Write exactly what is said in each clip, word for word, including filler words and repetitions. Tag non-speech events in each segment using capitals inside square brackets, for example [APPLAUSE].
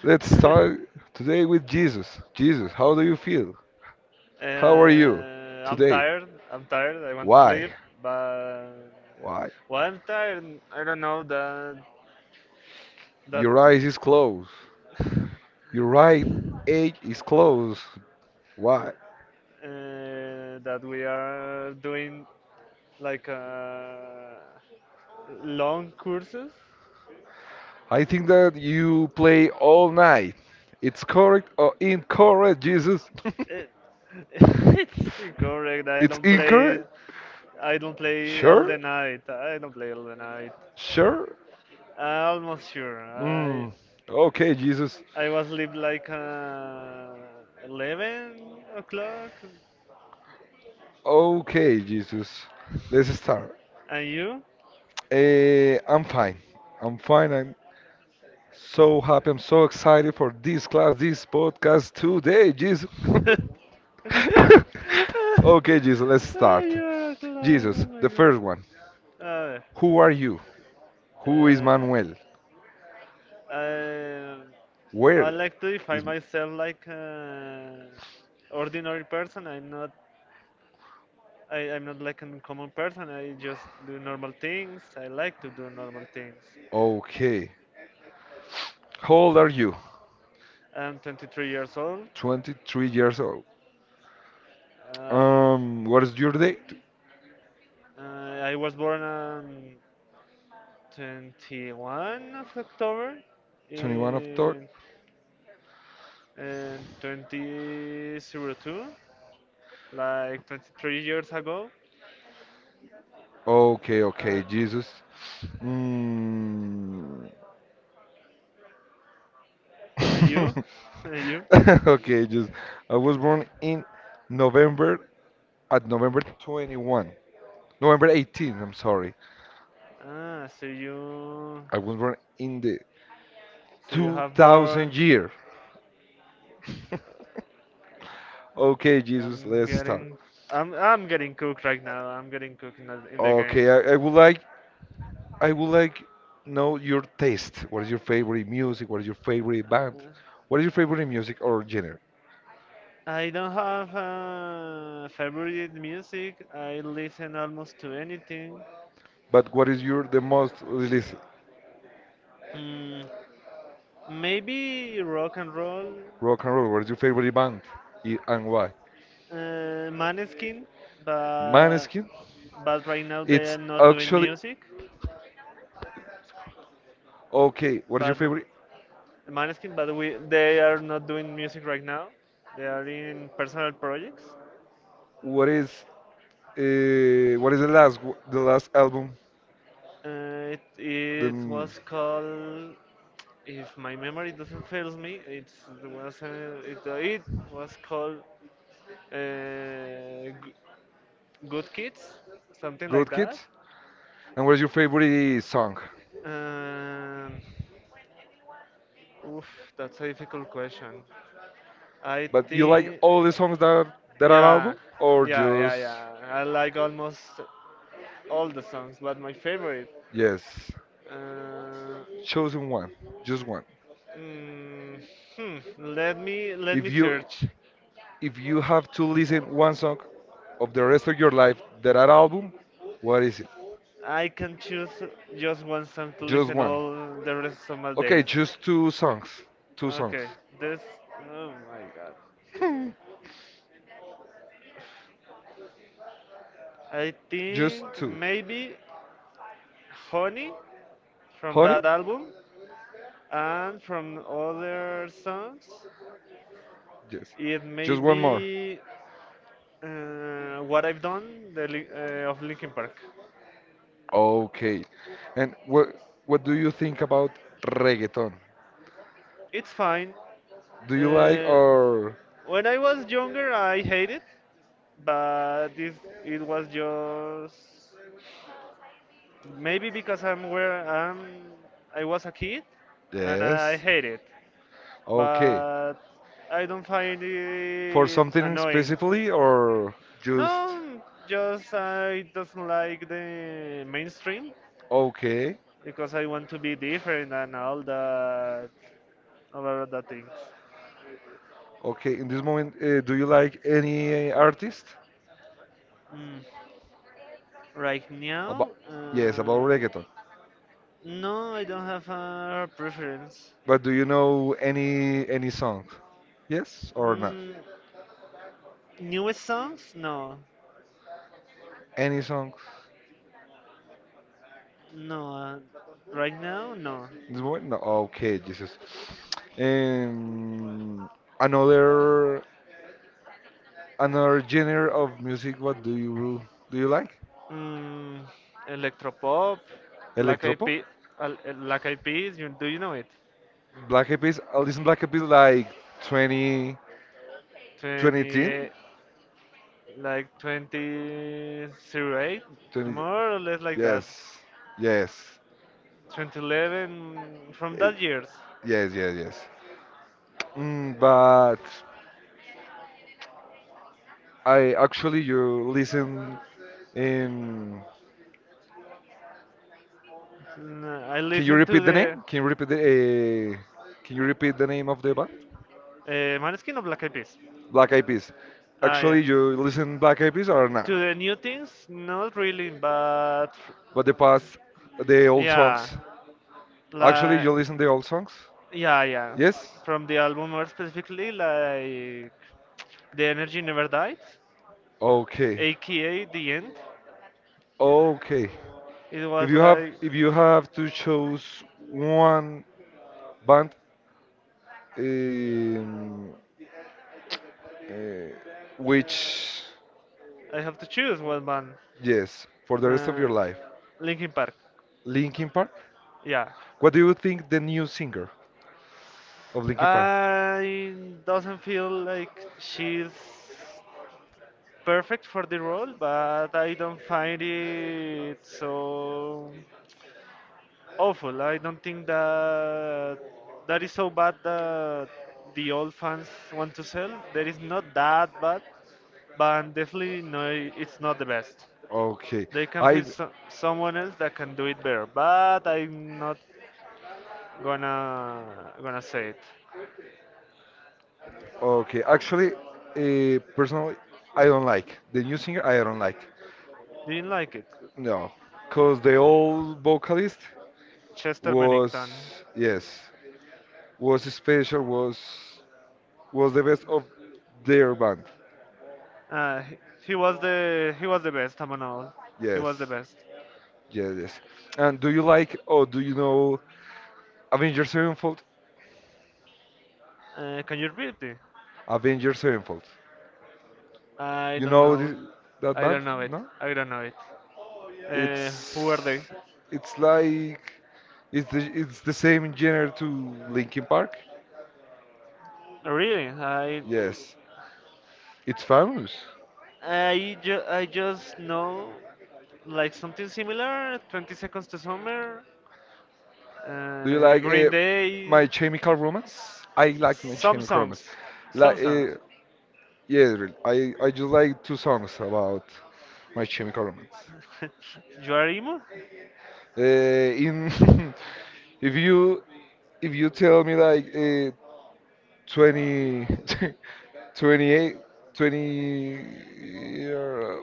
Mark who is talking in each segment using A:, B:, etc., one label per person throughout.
A: Let's start today with Jesus. Jesus, how do you feel? How are you
B: I'm
A: today?
B: tired. I'm tired. I want to
A: Why?
B: sleep, but yeah.
A: Why?
B: Well, I'm tired. I don't know that that
A: Your eyes is closed. Your right edge is closed. Why?
B: uh, that we are doing like uh, long courses.
A: I think that you play all night. It's correct or incorrect, Jesus?
B: It, [LAUGHS] it's incorrect.
A: [LAUGHS]
B: I
A: It's
B: don't play.
A: incorrect?
B: I don't play all the
A: Sure?
B: night. I don't play all the night.
A: Sure?
B: I almost sure. I
A: Mm. Okay, Jesus.
B: I was sleep like uh, 11 o'clock.
A: Okay, Jesus. Let's start.
B: And you?
A: Eh, I'm fine. I'm fine. I'm so happy. I'm so excited for this class, this podcast today. Jesus.
B: [LAUGHS]
A: [LAUGHS] Okay, Jesus, let's
B: Ah,
A: start.
B: you're a clown,
A: Jesus,
B: oh my
A: the
B: god.
A: first one.
B: A
A: Who are you? Who is
B: ver,
A: Manuel?
B: uh, I, I
A: Where
B: like to
A: is.
B: define myself like an ordinary person. I'm not I, I'm not like a common person. I just do normal things. I like to do normal things.
A: Okay. How old are you?
B: I'm twenty-three years old.
A: twenty-three years old.
B: I
A: Um, what is your date?
B: Uh, I was born on twenty-first of October
A: twenty-first of thought.
B: in, in twenty oh two, like twenty-three years ago.
A: Okay,
B: Uh,
A: okay, Jesus. Mm.
B: and you?
A: [LAUGHS]
B: [LAUGHS] And you?
A: [LAUGHS] Okay, just I was born in November at November twenty-first, November eighteenth. I'm sorry.
B: Ah, so you,
A: I was born in the
B: so you have born.
A: two thousand year. [LAUGHS] Okay, Jesus,
B: I'm
A: let's start.
B: getting, I'm, I'm getting cooked right now. I'm getting cooked in the, in the game.
A: Okay, I, I would like I would like know your taste. What is your favorite music? What is your favorite band?
B: Uh,
A: What is your favorite music or genre?
B: I don't have a favorite music. I listen almost to anything.
A: But what is your the most release
B: Mm, maybe rock and roll,
A: rock and roll? What is your favorite band I- and why?
B: uh, Maneskin, but
A: Maneskin.
B: but right now they
A: It's
B: are not doing
A: actually
B: music.
A: okay, what is your
B: But r-
A: favorite?
B: Maneskin, but we they are not doing music right now. They are in personal projects.
A: What is uh, what is the last w- the last album,
B: Uh, it
A: the
B: it
A: mm,
B: was called, if my memory doesn't fail me, it was uh, it it was called uh, g- Good Kids, something like
A: Good
B: that.
A: Kids? And what is your favorite song?
B: Um, Oof, that's a difficult question. I
A: But you like
B: think,
A: all the songs that that are
B: yeah,
A: album or
B: yeah, yeah,
A: just
B: yeah. I like almost all the songs, but my favorite.
A: yes,
B: Uh,
A: chosen one, just one.
B: mm, hmm, let me let
A: If
B: me
A: you
B: search.
A: if you have to listen one song of the rest of your life that are album, what is it?
B: I can choose just one song to
A: Just
B: listen
A: one.
B: all the rest of my
A: Okay,
B: days.
A: just two songs. Two songs.
B: Okay, this. Oh my god. I
A: [LAUGHS] Just
B: think
A: two.
B: maybe Honey from
A: Honey?
B: that album and from other songs.
A: Yes.
B: It may
A: Just one more.
B: be uh, What I've Done, the, Lin- uh, of Linkin Park.
A: Okay. And what what do you think about reggaeton?
B: It's fine.
A: Do you like
B: Uh,
A: or
B: when I was younger, I hated it, but this it was just maybe because I'm where I'm. I was a kid, and
A: yes?
B: I hate it.
A: Okay.
B: But I don't find
A: For
B: it
A: something
B: annoying.
A: specifically or just
B: No, just I doesn't like the mainstream
A: okay?
B: because I want to be different and all that, all of the things.
A: Okay. In this moment, uh, do you like any artist?
B: Mm. Right
A: About
B: now,
A: yes, about
B: uh,
A: reggaeton.
B: no, I don't have a preference.
A: But do you know any any song? Yes or not?
B: Mm, newest songs? No,
A: Any song?
B: no. Uh, right now, no.
A: In this moment, no. Okay, Jesus. Um, another Another genre of music, what do you do you like?
B: Mm, electropop, Black Eyed
A: Electropop?
B: Peas, Black Eyed Peas, you, do you know it?
A: Black Eyed Peas? I listen Black Eyed Peas like twenty, twenty, ten?
B: twenty-eight, like twenty oh eight,
A: Twenty,
B: more or less like that.
A: yes, yes,
B: twenty eleven, from
A: Eh,
B: that years.
A: yes, yes, yes. Mm, but I actually, you listen in,
B: Mm, I
A: can you
B: listen to
A: repeat the
B: the
A: name? Can you repeat the, uh, can you repeat the name of the band?
B: uh, Maneskin or Black Eyed Peas.
A: Black Eyed Peas.
B: Ah, yeah.
A: Actually, you listen Black Eyed Peas or not?
B: To the new things, not really, but
A: But the past, the old
B: yeah,
A: songs. Actually,
B: like.
A: you listen to old songs?
B: Yeah, yeah.
A: Yes?
B: From the album more specifically, like The Energy Never Dies,
A: Okay.
B: aka The End.
A: Okay.
B: It
A: If
B: was
A: you have
B: like,
A: if you have to choose one band um, uh, which
B: I have to choose one band.
A: yes, for the rest of
B: Uh,
A: your life,
B: Linkin Park.
A: Linkin Park?
B: Yeah.
A: What do you think the new singer of Linkin Park?
B: I doesn't feel like she's perfect for the role, but I don't find it so awful. I don't think that that is so bad that the old fans want to sell. That is not that bad, but definitely no, it's not the best.
A: Okay.
B: They can
A: I
B: find so- someone else that can do it better, but I'm not gonna gonna say it.
A: okay, actually uh, personally I don't like the new singer. I don't like.
B: Didn't like it.
A: No, because the old vocalist
B: Chester Bennington.
A: was yes. Was special was was the best of their band
B: Uh, he, he was the he was the best among all. He
A: yes
B: was the best.
A: yes yes and do you like or do you know Avengers Sevenfold
B: Uh, can you repeat it?
A: Avengers Sevenfold
B: I
A: you
B: don't
A: know
B: know.
A: this, that
B: I
A: band
B: don't know it.
A: no
B: I don't know it.
A: it's
B: Uh, who are they?
A: it's like it's the it's the same genre to Linkin Park
B: Really? I
A: yes it's famous
B: I ju I just know like something similar. Twenty Seconds to Summer,
A: do you
B: uh,
A: like uh,
B: Green Day,
A: my chemical romance I like My
B: some
A: Chemical Romance
B: songs, some
A: like uh,
B: songs.
A: yeah really. i i just like two songs about My Chemical Romance.
B: [LAUGHS] You are emo?
A: Uh, in [LAUGHS] if you if you tell me like uh, twenty [LAUGHS] twenty-eight twenty uh,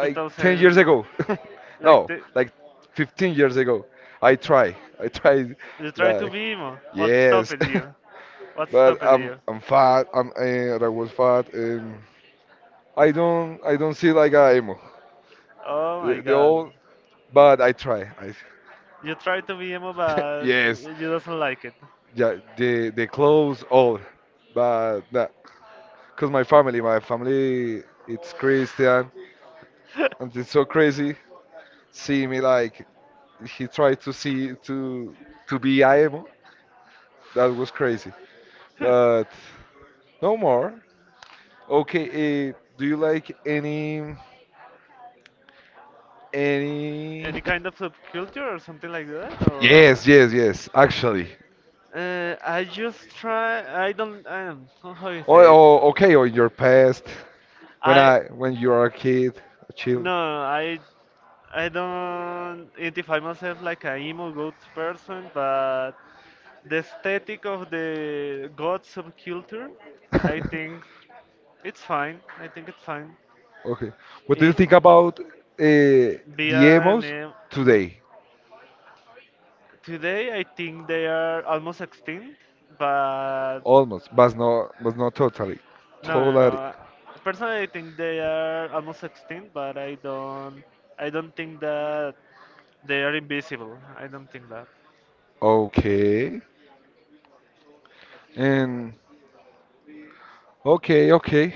B: Two
A: ten years
B: thousand,
A: ago [LAUGHS]
B: like
A: no
B: the,
A: like fifteen years ago i try I tried
B: you try to
A: like
B: be emo. What stopped
A: yes
B: you? What
A: [LAUGHS] but
B: stopped
A: i'm
B: you?
A: i'm fat i'm uh, I was fat and i don't I don't see like a emo
B: Oh my
A: the, the
B: God.
A: old but i try I
B: You try to be emo,
A: [LAUGHS]
B: but
A: yes
B: you doesn't like it.
A: yeah, the the clothes all, but that because my family, my family, it's Christian, and it's so crazy seeing me like he tried to see to to be IMO. That was crazy, but
B: [LAUGHS]
A: no more. Okay, uh, do you like any any?
B: Any kind of subculture or something like that, or
A: Yes, yes, yes. Actually,
B: what? Uh, I just try. I don't. I don't know how you
A: oh,
B: say it.
A: oh okay. Or your past when
B: I
A: I when you are a kid, a child.
B: No. I I don't identify myself like a emo goth person, but the aesthetic of the goth subculture, I think
A: [LAUGHS]
B: it's fine. I think it's fine.
A: Okay. What do you
B: It
A: think about uh, the
B: be an
A: emos
B: em-
A: today?
B: Today, I think they are almost extinct, but
A: Almost, but not, but not totally.
B: no, no,
A: Totally.
B: no. Personally, I think they are almost extinct, but I don't, I don't think that they are invisible. I don't think that.
A: Okay. And okay, okay.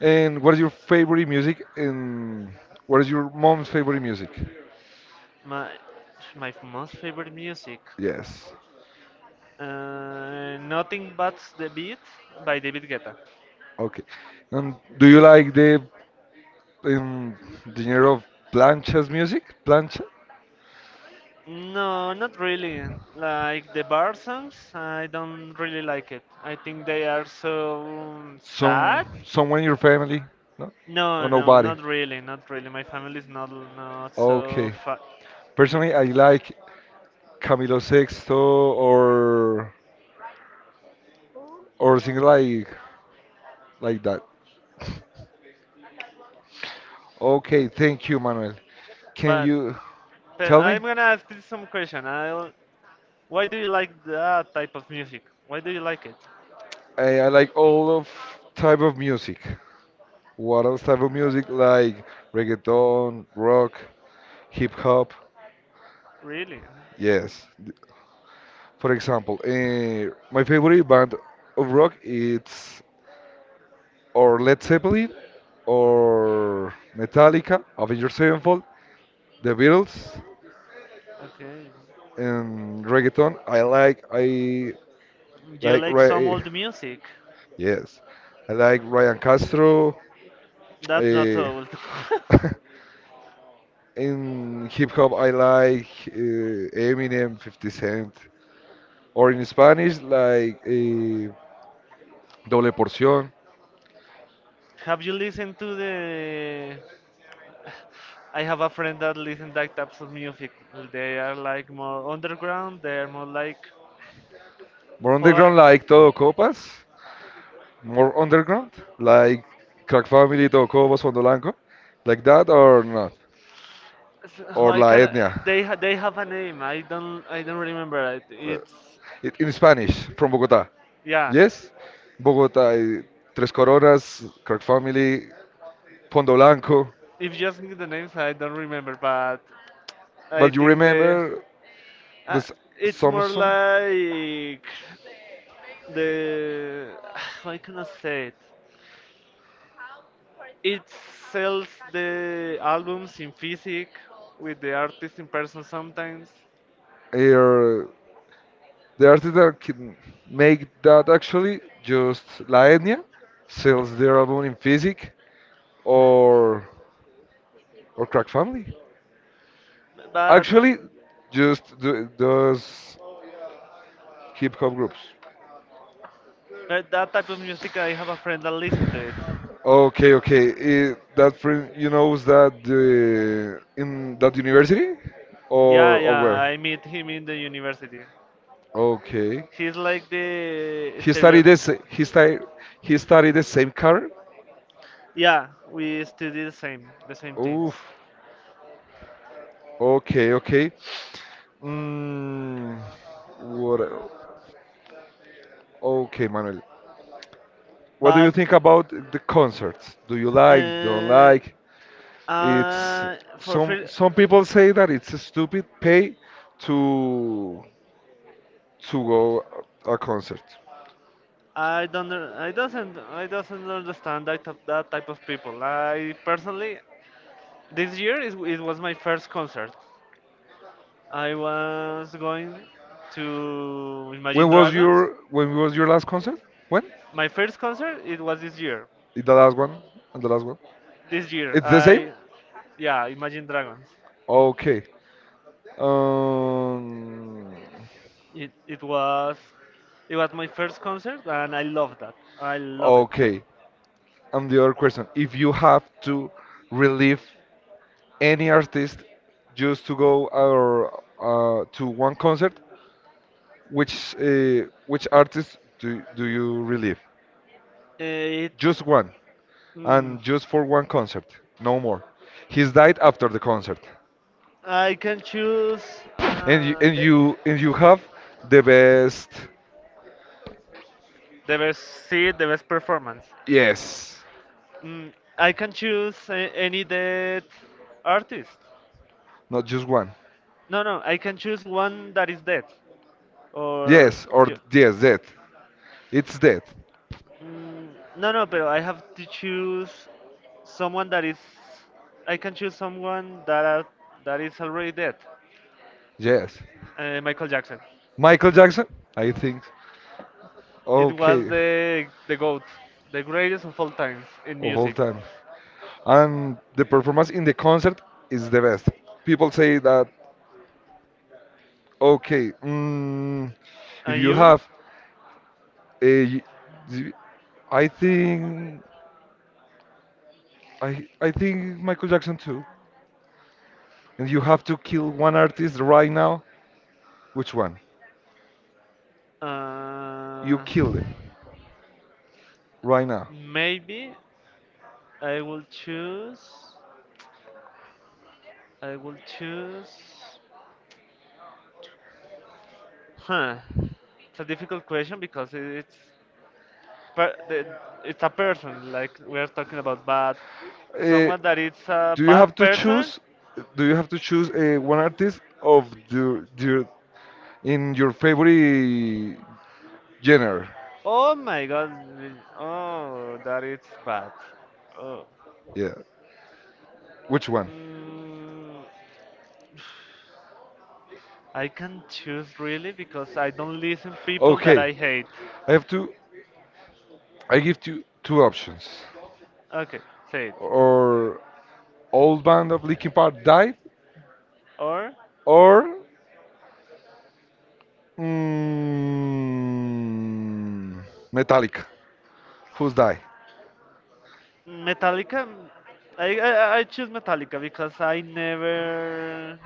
A: And what is your favorite music? And what is your mom's favorite music?
B: My, my most favorite music,
A: Yes.
B: uh, nothing but the beat by David Guetta.
A: Okay. And do you like the um, the genre of planchas music? Plancha?
B: No, not really. Like the bar songs, I don't really like it. I think they are so
A: Some
B: sad.
A: someone in your family? No?
B: No,
A: Or
B: no,
A: nobody?
B: not really, not really. My family is not not so
A: Okay.
B: fa.
A: Personally, I like Camilo Sexto or or things like like that. Okay, thank you, Manuel. Can
B: But,
A: you
B: but
A: tell me?
B: I'm gonna ask you some question. I'll, why do you like that type of music? Why do you like it?
A: I, I like all of type of music. What else type of music like reggaeton, rock, hip hop?
B: Really?
A: Yes. For example, uh, my favorite band of rock it's or Led Zeppelin or Metallica, Avenged Sevenfold, The Beatles.
B: Okay.
A: And reggaeton, I like I
B: Do you
A: like
B: like some
A: Ray.
B: old music?
A: Yes, I like Ryan Castro.
B: That's not so
A: eh,
B: old.
A: [LAUGHS] in hip hop, I like uh, Eminem, fifty Cent. Or in Spanish, like eh, Doble Porción.
B: [LAUGHS] Have you listened to the? I have a friend that listens that types of music. They are like more underground. They are more like.
A: More
B: How I-
A: underground, like Todo Copas. More underground, like Crack Family, Todo Copas, Fondo Blanco. Like that or not?
B: So so
A: Or
B: I
A: La
B: can.
A: Etnia.
B: They ha- they have a name. I don't I don't remember it. It's
A: It, in Spanish, from Bogota.
B: yeah.
A: Yes? Bogota, eh, Tres Coronas, Crack Family, Fondo Blanco.
B: If you ask me the names, I don't remember. But I
A: But you
B: think they.
A: remember
B: Uh,
A: this
B: it's more
A: Samson?
B: like the. [SIGHS] How can I say it? It sells the albums in physic with the artist in person sometimes.
A: Er, the artist that can make that actually, just La Etnia, sells their album in Physic or or Crack Family.
B: But
A: Actually, just th those hip hop groups.
B: but that type of music, I have a friend that listen to it.
A: Okay, okay. Eh, that friend, you knows that the in that university,
B: Yeah,
A: or or
B: yeah,
A: where?
B: I meet him in the university.
A: Okay.
B: He's like the
A: He studied
B: stereotype.
A: this. He studied. He studied the same car.
B: Yeah, we study the same, the same
A: Oof.
B: things.
A: Okay, okay. Mm, what? el- okay, Manuel. What do you
B: But
A: think
B: interesting.
A: about the concerts? Do you
B: But
A: like? Don't like? It's
B: uh, like to I for
A: some
B: free,
A: some people say that it's stupid pay to to go a a concert.
B: I don't, know- I doesn't, I doesn't understand that type, that type of people. I personally, this year is, it was my first concert. I was going to Imagine
A: When was
B: Dragons.
A: your when was your last concert? When?
B: My first concert it was this year.
A: The last one and the last one.
B: This year
A: It's the same?
B: I yeah, Imagine Dragons.
A: Okay. Um
B: It it was it was my first concert and I love that. I love it.
A: okay. And the other question, if you have to relieve any artist just to go or uh, to one concert, which uh, which artist do do you relieve?
B: Eh, It
A: Just one
B: mm,
A: and just for one concert, no more. He's died after the concert.
B: I can choose
A: And you
B: uh,
A: and
B: the,
A: you and you have the best
B: the best seat, the best performance.
A: yes
B: Mm, I can choose a- any dead artist.
A: not just one
B: No, no, I can choose one that is dead. Or
A: yes or
B: yes.
A: yes that it's that
B: mm, no, no, but I have to choose someone that is. I can choose someone that are, that is already dead.
A: yes
B: Uh, Michael Jackson.
A: Michael Jackson I think
B: It Oh. was
A: okay
B: the the goat, the greatest of all times in
A: of all
B: music.
A: time and the performance in the concert is the best people say that okay mm, if
B: And
A: you
B: you?
A: have a I think i i think Michael Jackson too and you have to kill one artist right now which one
B: Wow.
A: you
B: Uh,
A: killed it right now.
B: maybe I will choose. I will choose. Huh. It's a difficult question because it- it's per- the- it's a person. Like we are talking about bad,
A: Uh,
B: someone that is a
A: do you have
B: bad
A: to
B: person.
A: choose? Do you have to choose uh, one artist of your, your in your favorite genre?
B: Oh my God. Oh, that is bad. Oh.
A: Yeah. Which one?
B: Mm, I can choose really because I don't listen people that
A: Okay.
B: I hate.
A: I have to. I give you two options.
B: Okay, say it.
A: Or old band of Linkin Park died,
B: Or
A: or mm, Metallica. Who's die?
B: Metallica. I, I I choose Metallica because I never.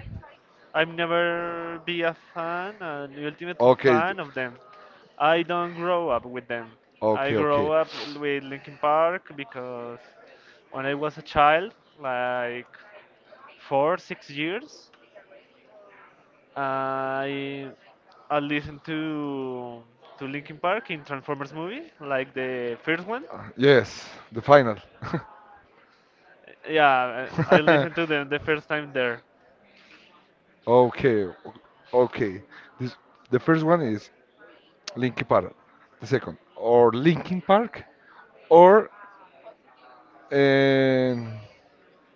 B: I've never be a fan, an ultimate, okay,
A: Okay.
B: fan of them. I don't grow up with them. I
A: Okay. Okay.
B: grow up with Linkin Park because when I was a child, like four, six years, I I listened to to Linkin Park in Transformers movie, like the first one.
A: Yes. The final.
B: Yeah, I I listened
A: [LAUGHS]
B: to them the first time there.
A: Okay, o- okay. This the first one is Linkin Park. The second, or Linkin Park, or um,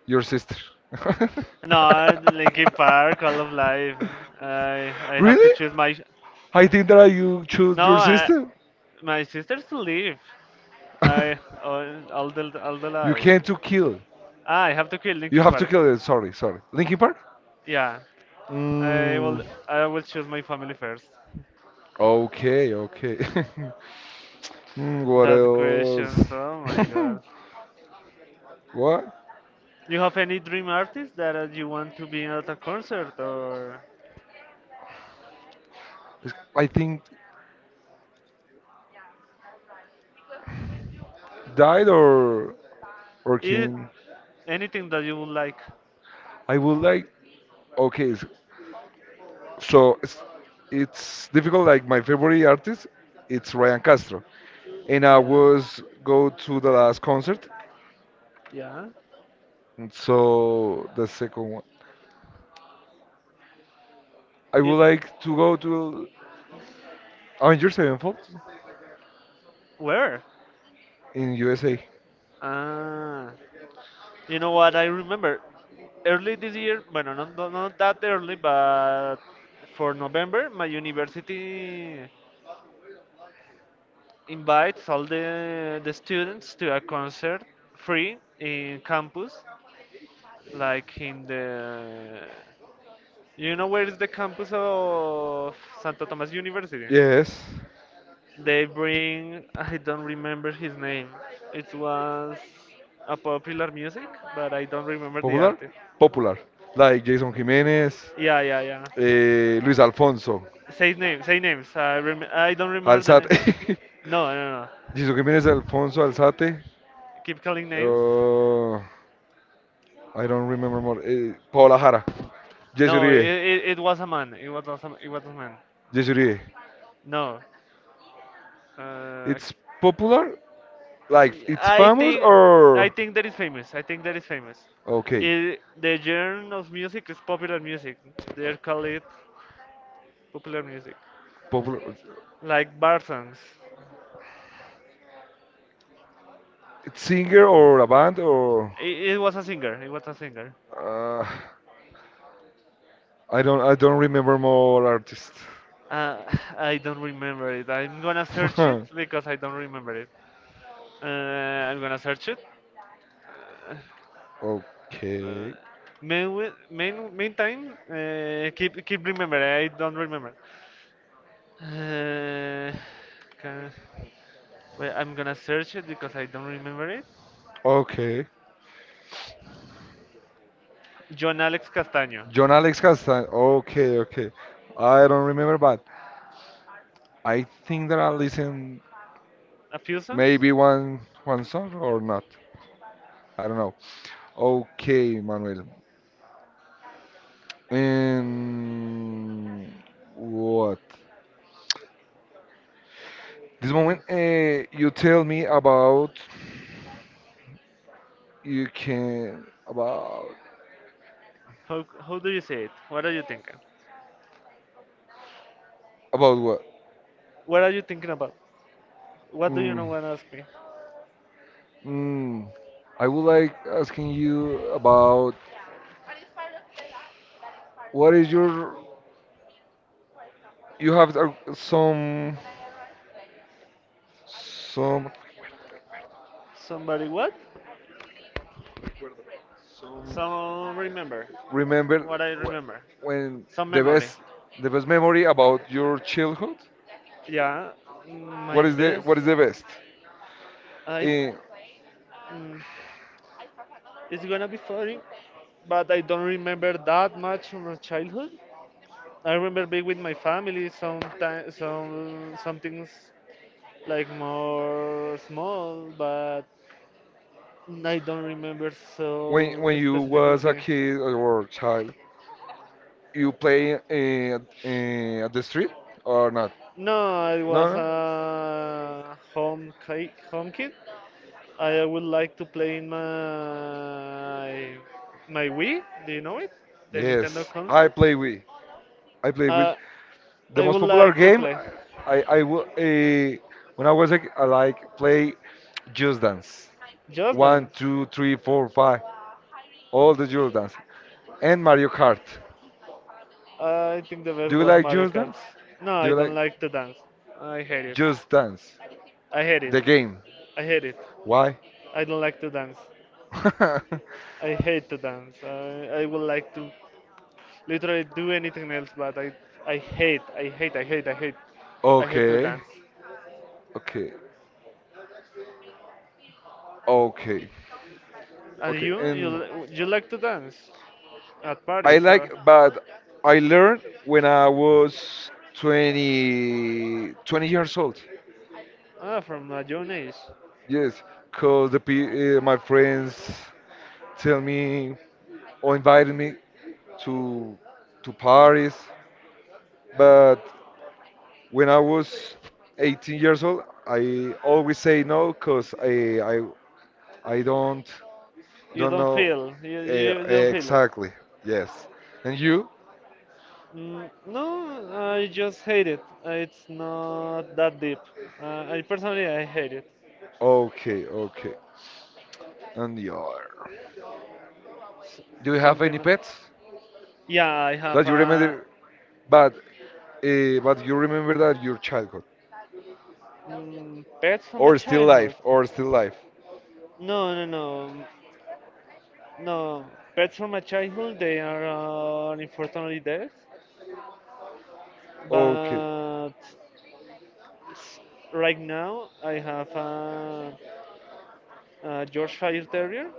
A: your sister. [LAUGHS]
B: No, I- Linkin Park, all of life. I I have to
A: Really?
B: choose my.
A: I think that you choose
B: No,
A: your
B: I,
A: sister.
B: my sisters live. I
A: [LAUGHS]
B: all, all the all the
A: You
B: life.
A: can't to kill.
B: Ah, I have to kill, you,
A: You
B: Linkin
A: have to
B: Park.
A: kill it. Sorry, sorry. Linkin Park.
B: Yeah, I
A: Mm,
B: will. I will choose my family first.
A: okay, okay. [LAUGHS] Mm, what
B: That questions. Oh my
A: else?
B: God.
A: [LAUGHS] What?
B: You have any dream artist that uh, you want to be at a concert or
A: I think died or or
B: i-
A: killing.
B: anything that you would like?
A: I would like. Okay, s- so it's, it's difficult. Like my favorite artist, it's Ryan Castro, and I
B: Yeah.
A: was go to the last concert.
B: Yeah.
A: And so the second one, I would
B: You- It,
A: like to go to Avengers Sevenfold
B: where?
A: in U S A.
B: Ah, you know what? I remember early this year. Bueno, not, not, not that early, but for November, my university invites all the the students to a concert free in campus, like in the. You know where is the campus of Santo Tomás University?
A: Yes,
B: They bring, I don't remember his name. It was a popular music, but I don't remember the
A: popular,
B: artist.
A: popular. Like Jason Jimenez,
B: Yeah, yeah, yeah.
A: eh, Luis Alfonso,
B: Say names, say names. I rem- I don't remember the name.
A: Alzate. [LAUGHS]
B: No, no, no, no.
A: Jesus Jiménez, Alfonso Alzate.
B: Keep calling names.
A: Uh, I don't remember more. Uh, Paola Jara. Jesse
B: No, it,
A: Uribe.
B: it, it was a man. It was a, it was a man.
A: Jesse Uribe.
B: No. Uh,
A: It's popular? Like, it's
B: I
A: famous
B: think I
A: or.
B: think that is famous. I think that is famous.
A: Okay.
B: It, the genre of music is popular music. They call it popular music,
A: Popular.
B: like bar songs.
A: It's singer or a band or.
B: It, it was a singer. It was a singer.
A: Uh, I don't I don't remember more artists.
B: Uh, [LAUGHS] [SIGHS] I don't remember it. I'm gonna search it
A: [LAUGHS]
B: because I don't remember it. Uh, I'm gonna search it. Uh, uh,
A: okay.
B: main, main, meantime, uh, keep keep remember. I don't remember. Uh, ca- well, I'm gonna search it because I don't remember it.
A: Okay.
B: John Alex Castaño.
A: John Alex Castan. Okay, okay. I don't remember, but I think that I listen
B: A few songs.
A: maybe one one song or not. I don't know. Okay, Manuel. And what? This moment, uh, you tell me about you can about
B: How how do you say it? What are you thinking?
A: about what?
B: What are you thinking about? What do you
A: Mm,
B: not want to ask me?
A: mm. I would like asking you about what is your you have uh, some some
B: Somebody what? Some remember.
A: remember
B: What I
A: wh-
B: remember.
A: when
B: Some
A: the
B: memory.
A: best the best memory about your childhood
B: Yeah, mm, my
A: what is the
B: best.
A: what is the best
B: I
A: Eh,
B: mm, it's gonna be funny, but I don't remember that much from my childhood. I remember being with my family. Sometimes some some things like more small, but I don't remember
A: when
B: so
A: when you
B: specifically.
A: was a kid or a child you play eh, eh, at the street or not
B: No, it
A: no
B: was
A: no
B: a home ki- home kit. I would like to play in my my Wii. Do you know it? The Nintendo
A: yes i
B: console.
A: play with I play with
B: Uh,
A: the
B: I
A: most
B: would
A: popular
B: like to
A: game
B: play
A: i i will eh, when I was a, I like play just dance
B: Just
A: one
B: Dance.
A: two three four five all the just dance and mario kart.
B: I think the best
A: Do you
B: was
A: like
B: Mario
A: Just
B: Kart.
A: Dance?
B: No,
A: Do
B: I
A: you like
B: don't like to dance. I hate it.
A: Just Dance?
B: I hate it.
A: The game.
B: I hate it.
A: Why?
B: I don't like to dance.
A: [LAUGHS]
B: I hate to dance. I, I would like to literally do anything else, but i i hate, I hate, I hate, I hate, I hate to, okay,
A: okay.
B: dance.
A: Okay. Okay.
B: And
A: Okay.
B: you you
A: And
B: li- you like to dance at I
A: I
B: parties or
A: like, but I learned when I was twenty, twenty
B: twenty.
A: years old.
B: Ah from a young age,
A: Yes, because the pe- uh, my friends tell me or invited me to to Paris, but when I was eighteen years old, I always say no because I, I I don't
B: you
A: don't
B: don't
A: know
B: feel you,
A: uh,
B: you don't feel it.
A: exactly. Yes. And you?
B: Mm, no, I just hate it. Uh, It's not that deep. Uh, I personally, I hate it.
A: Okay, okay. And the other. Do you have
B: Something.
A: any pets
B: Yeah, I have
A: that you
B: a,
A: remember? But uh, but you remember that your childhood
B: Mm, pets from my
A: or still life
B: childhood.
A: or still life.
B: No, no, no, no. Pets from my childhood, they are uh, unfortunately dead.
A: Okay,
B: But s- right now, I have a, a Yorkshire Terrier.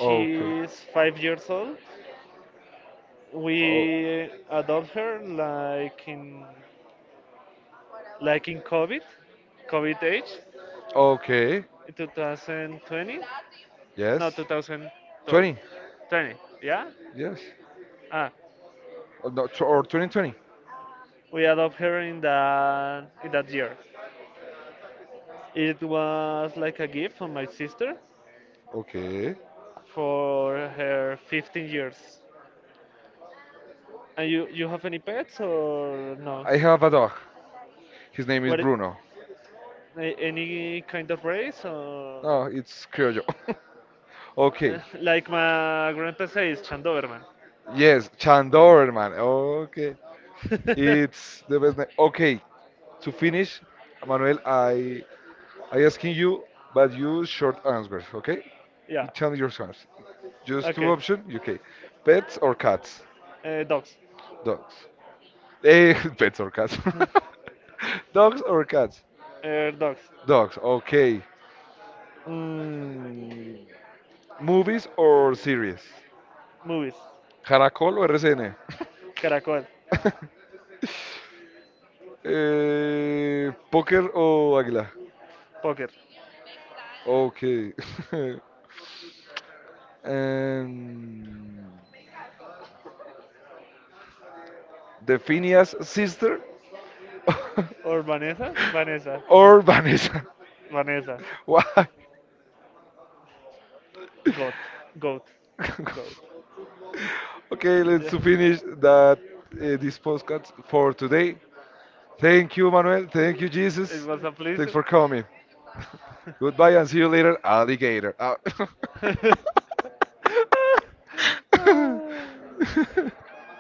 A: okay,
B: five years old.
A: oh,
B: We adopt her like in like in COVID, COVID age,
A: okay.
B: in two thousand twenty, no,
A: Yes.
B: twenty twelve,
A: twenty.
B: twenty. Yeah.
A: Yes.
B: Ah,
A: Or, no, tw- or twenty twenty.
B: we adopted her in that in that year. It was like a gift from my sister
A: Okay.
B: for her fifteen years. And you you have any pets or no?
A: I have a dog. His name is
B: What i-
A: Bruno.
B: a- any kind of race or
A: No, it's Criollo. [LAUGHS] okay.
B: [LAUGHS] like my grandpa says, Chandoverman.
A: Yes, Chandorman. Okay. It's the best name. Okay. To finish, Manuel, I I asking you, but you short answers. Okay.
B: [LAUGHS]
A: You
B: Yeah.
A: tell me your answers. Just two
B: Okay.
A: options. Okay. Pets or cats?
B: Uh, dogs.
A: Dogs. Eh, [LAUGHS] pets or cats? [LAUGHS] Dogs or cats?
B: [LAUGHS] uh, dogs.
A: Dogs. Okay. Mm, movies or series?
B: Movies.
A: ¿Caracol o R C N?
B: Caracol.
A: [LAUGHS] Eh, ¿Póker o Águila?
B: Poker.
A: Ok. [LAUGHS] Em, The Phineas Sister
B: Or Vanessa? Vanessa.
A: or Vanessa?
B: Vanessa.
A: [LAUGHS] Why?
B: Goat. Goat. Goat.
A: [LAUGHS] okay, let's
B: Yeah.
A: to finish that uh, this podcast for today. Thank you, Manuel. Thank you,
B: It
A: Jesus.
B: was a
A: Thanks
B: pleasure.
A: for coming. Goodbye and see you later, alligator. Ah.
B: Pleasure. For coming. [LAUGHS] [LAUGHS]
A: [LAUGHS]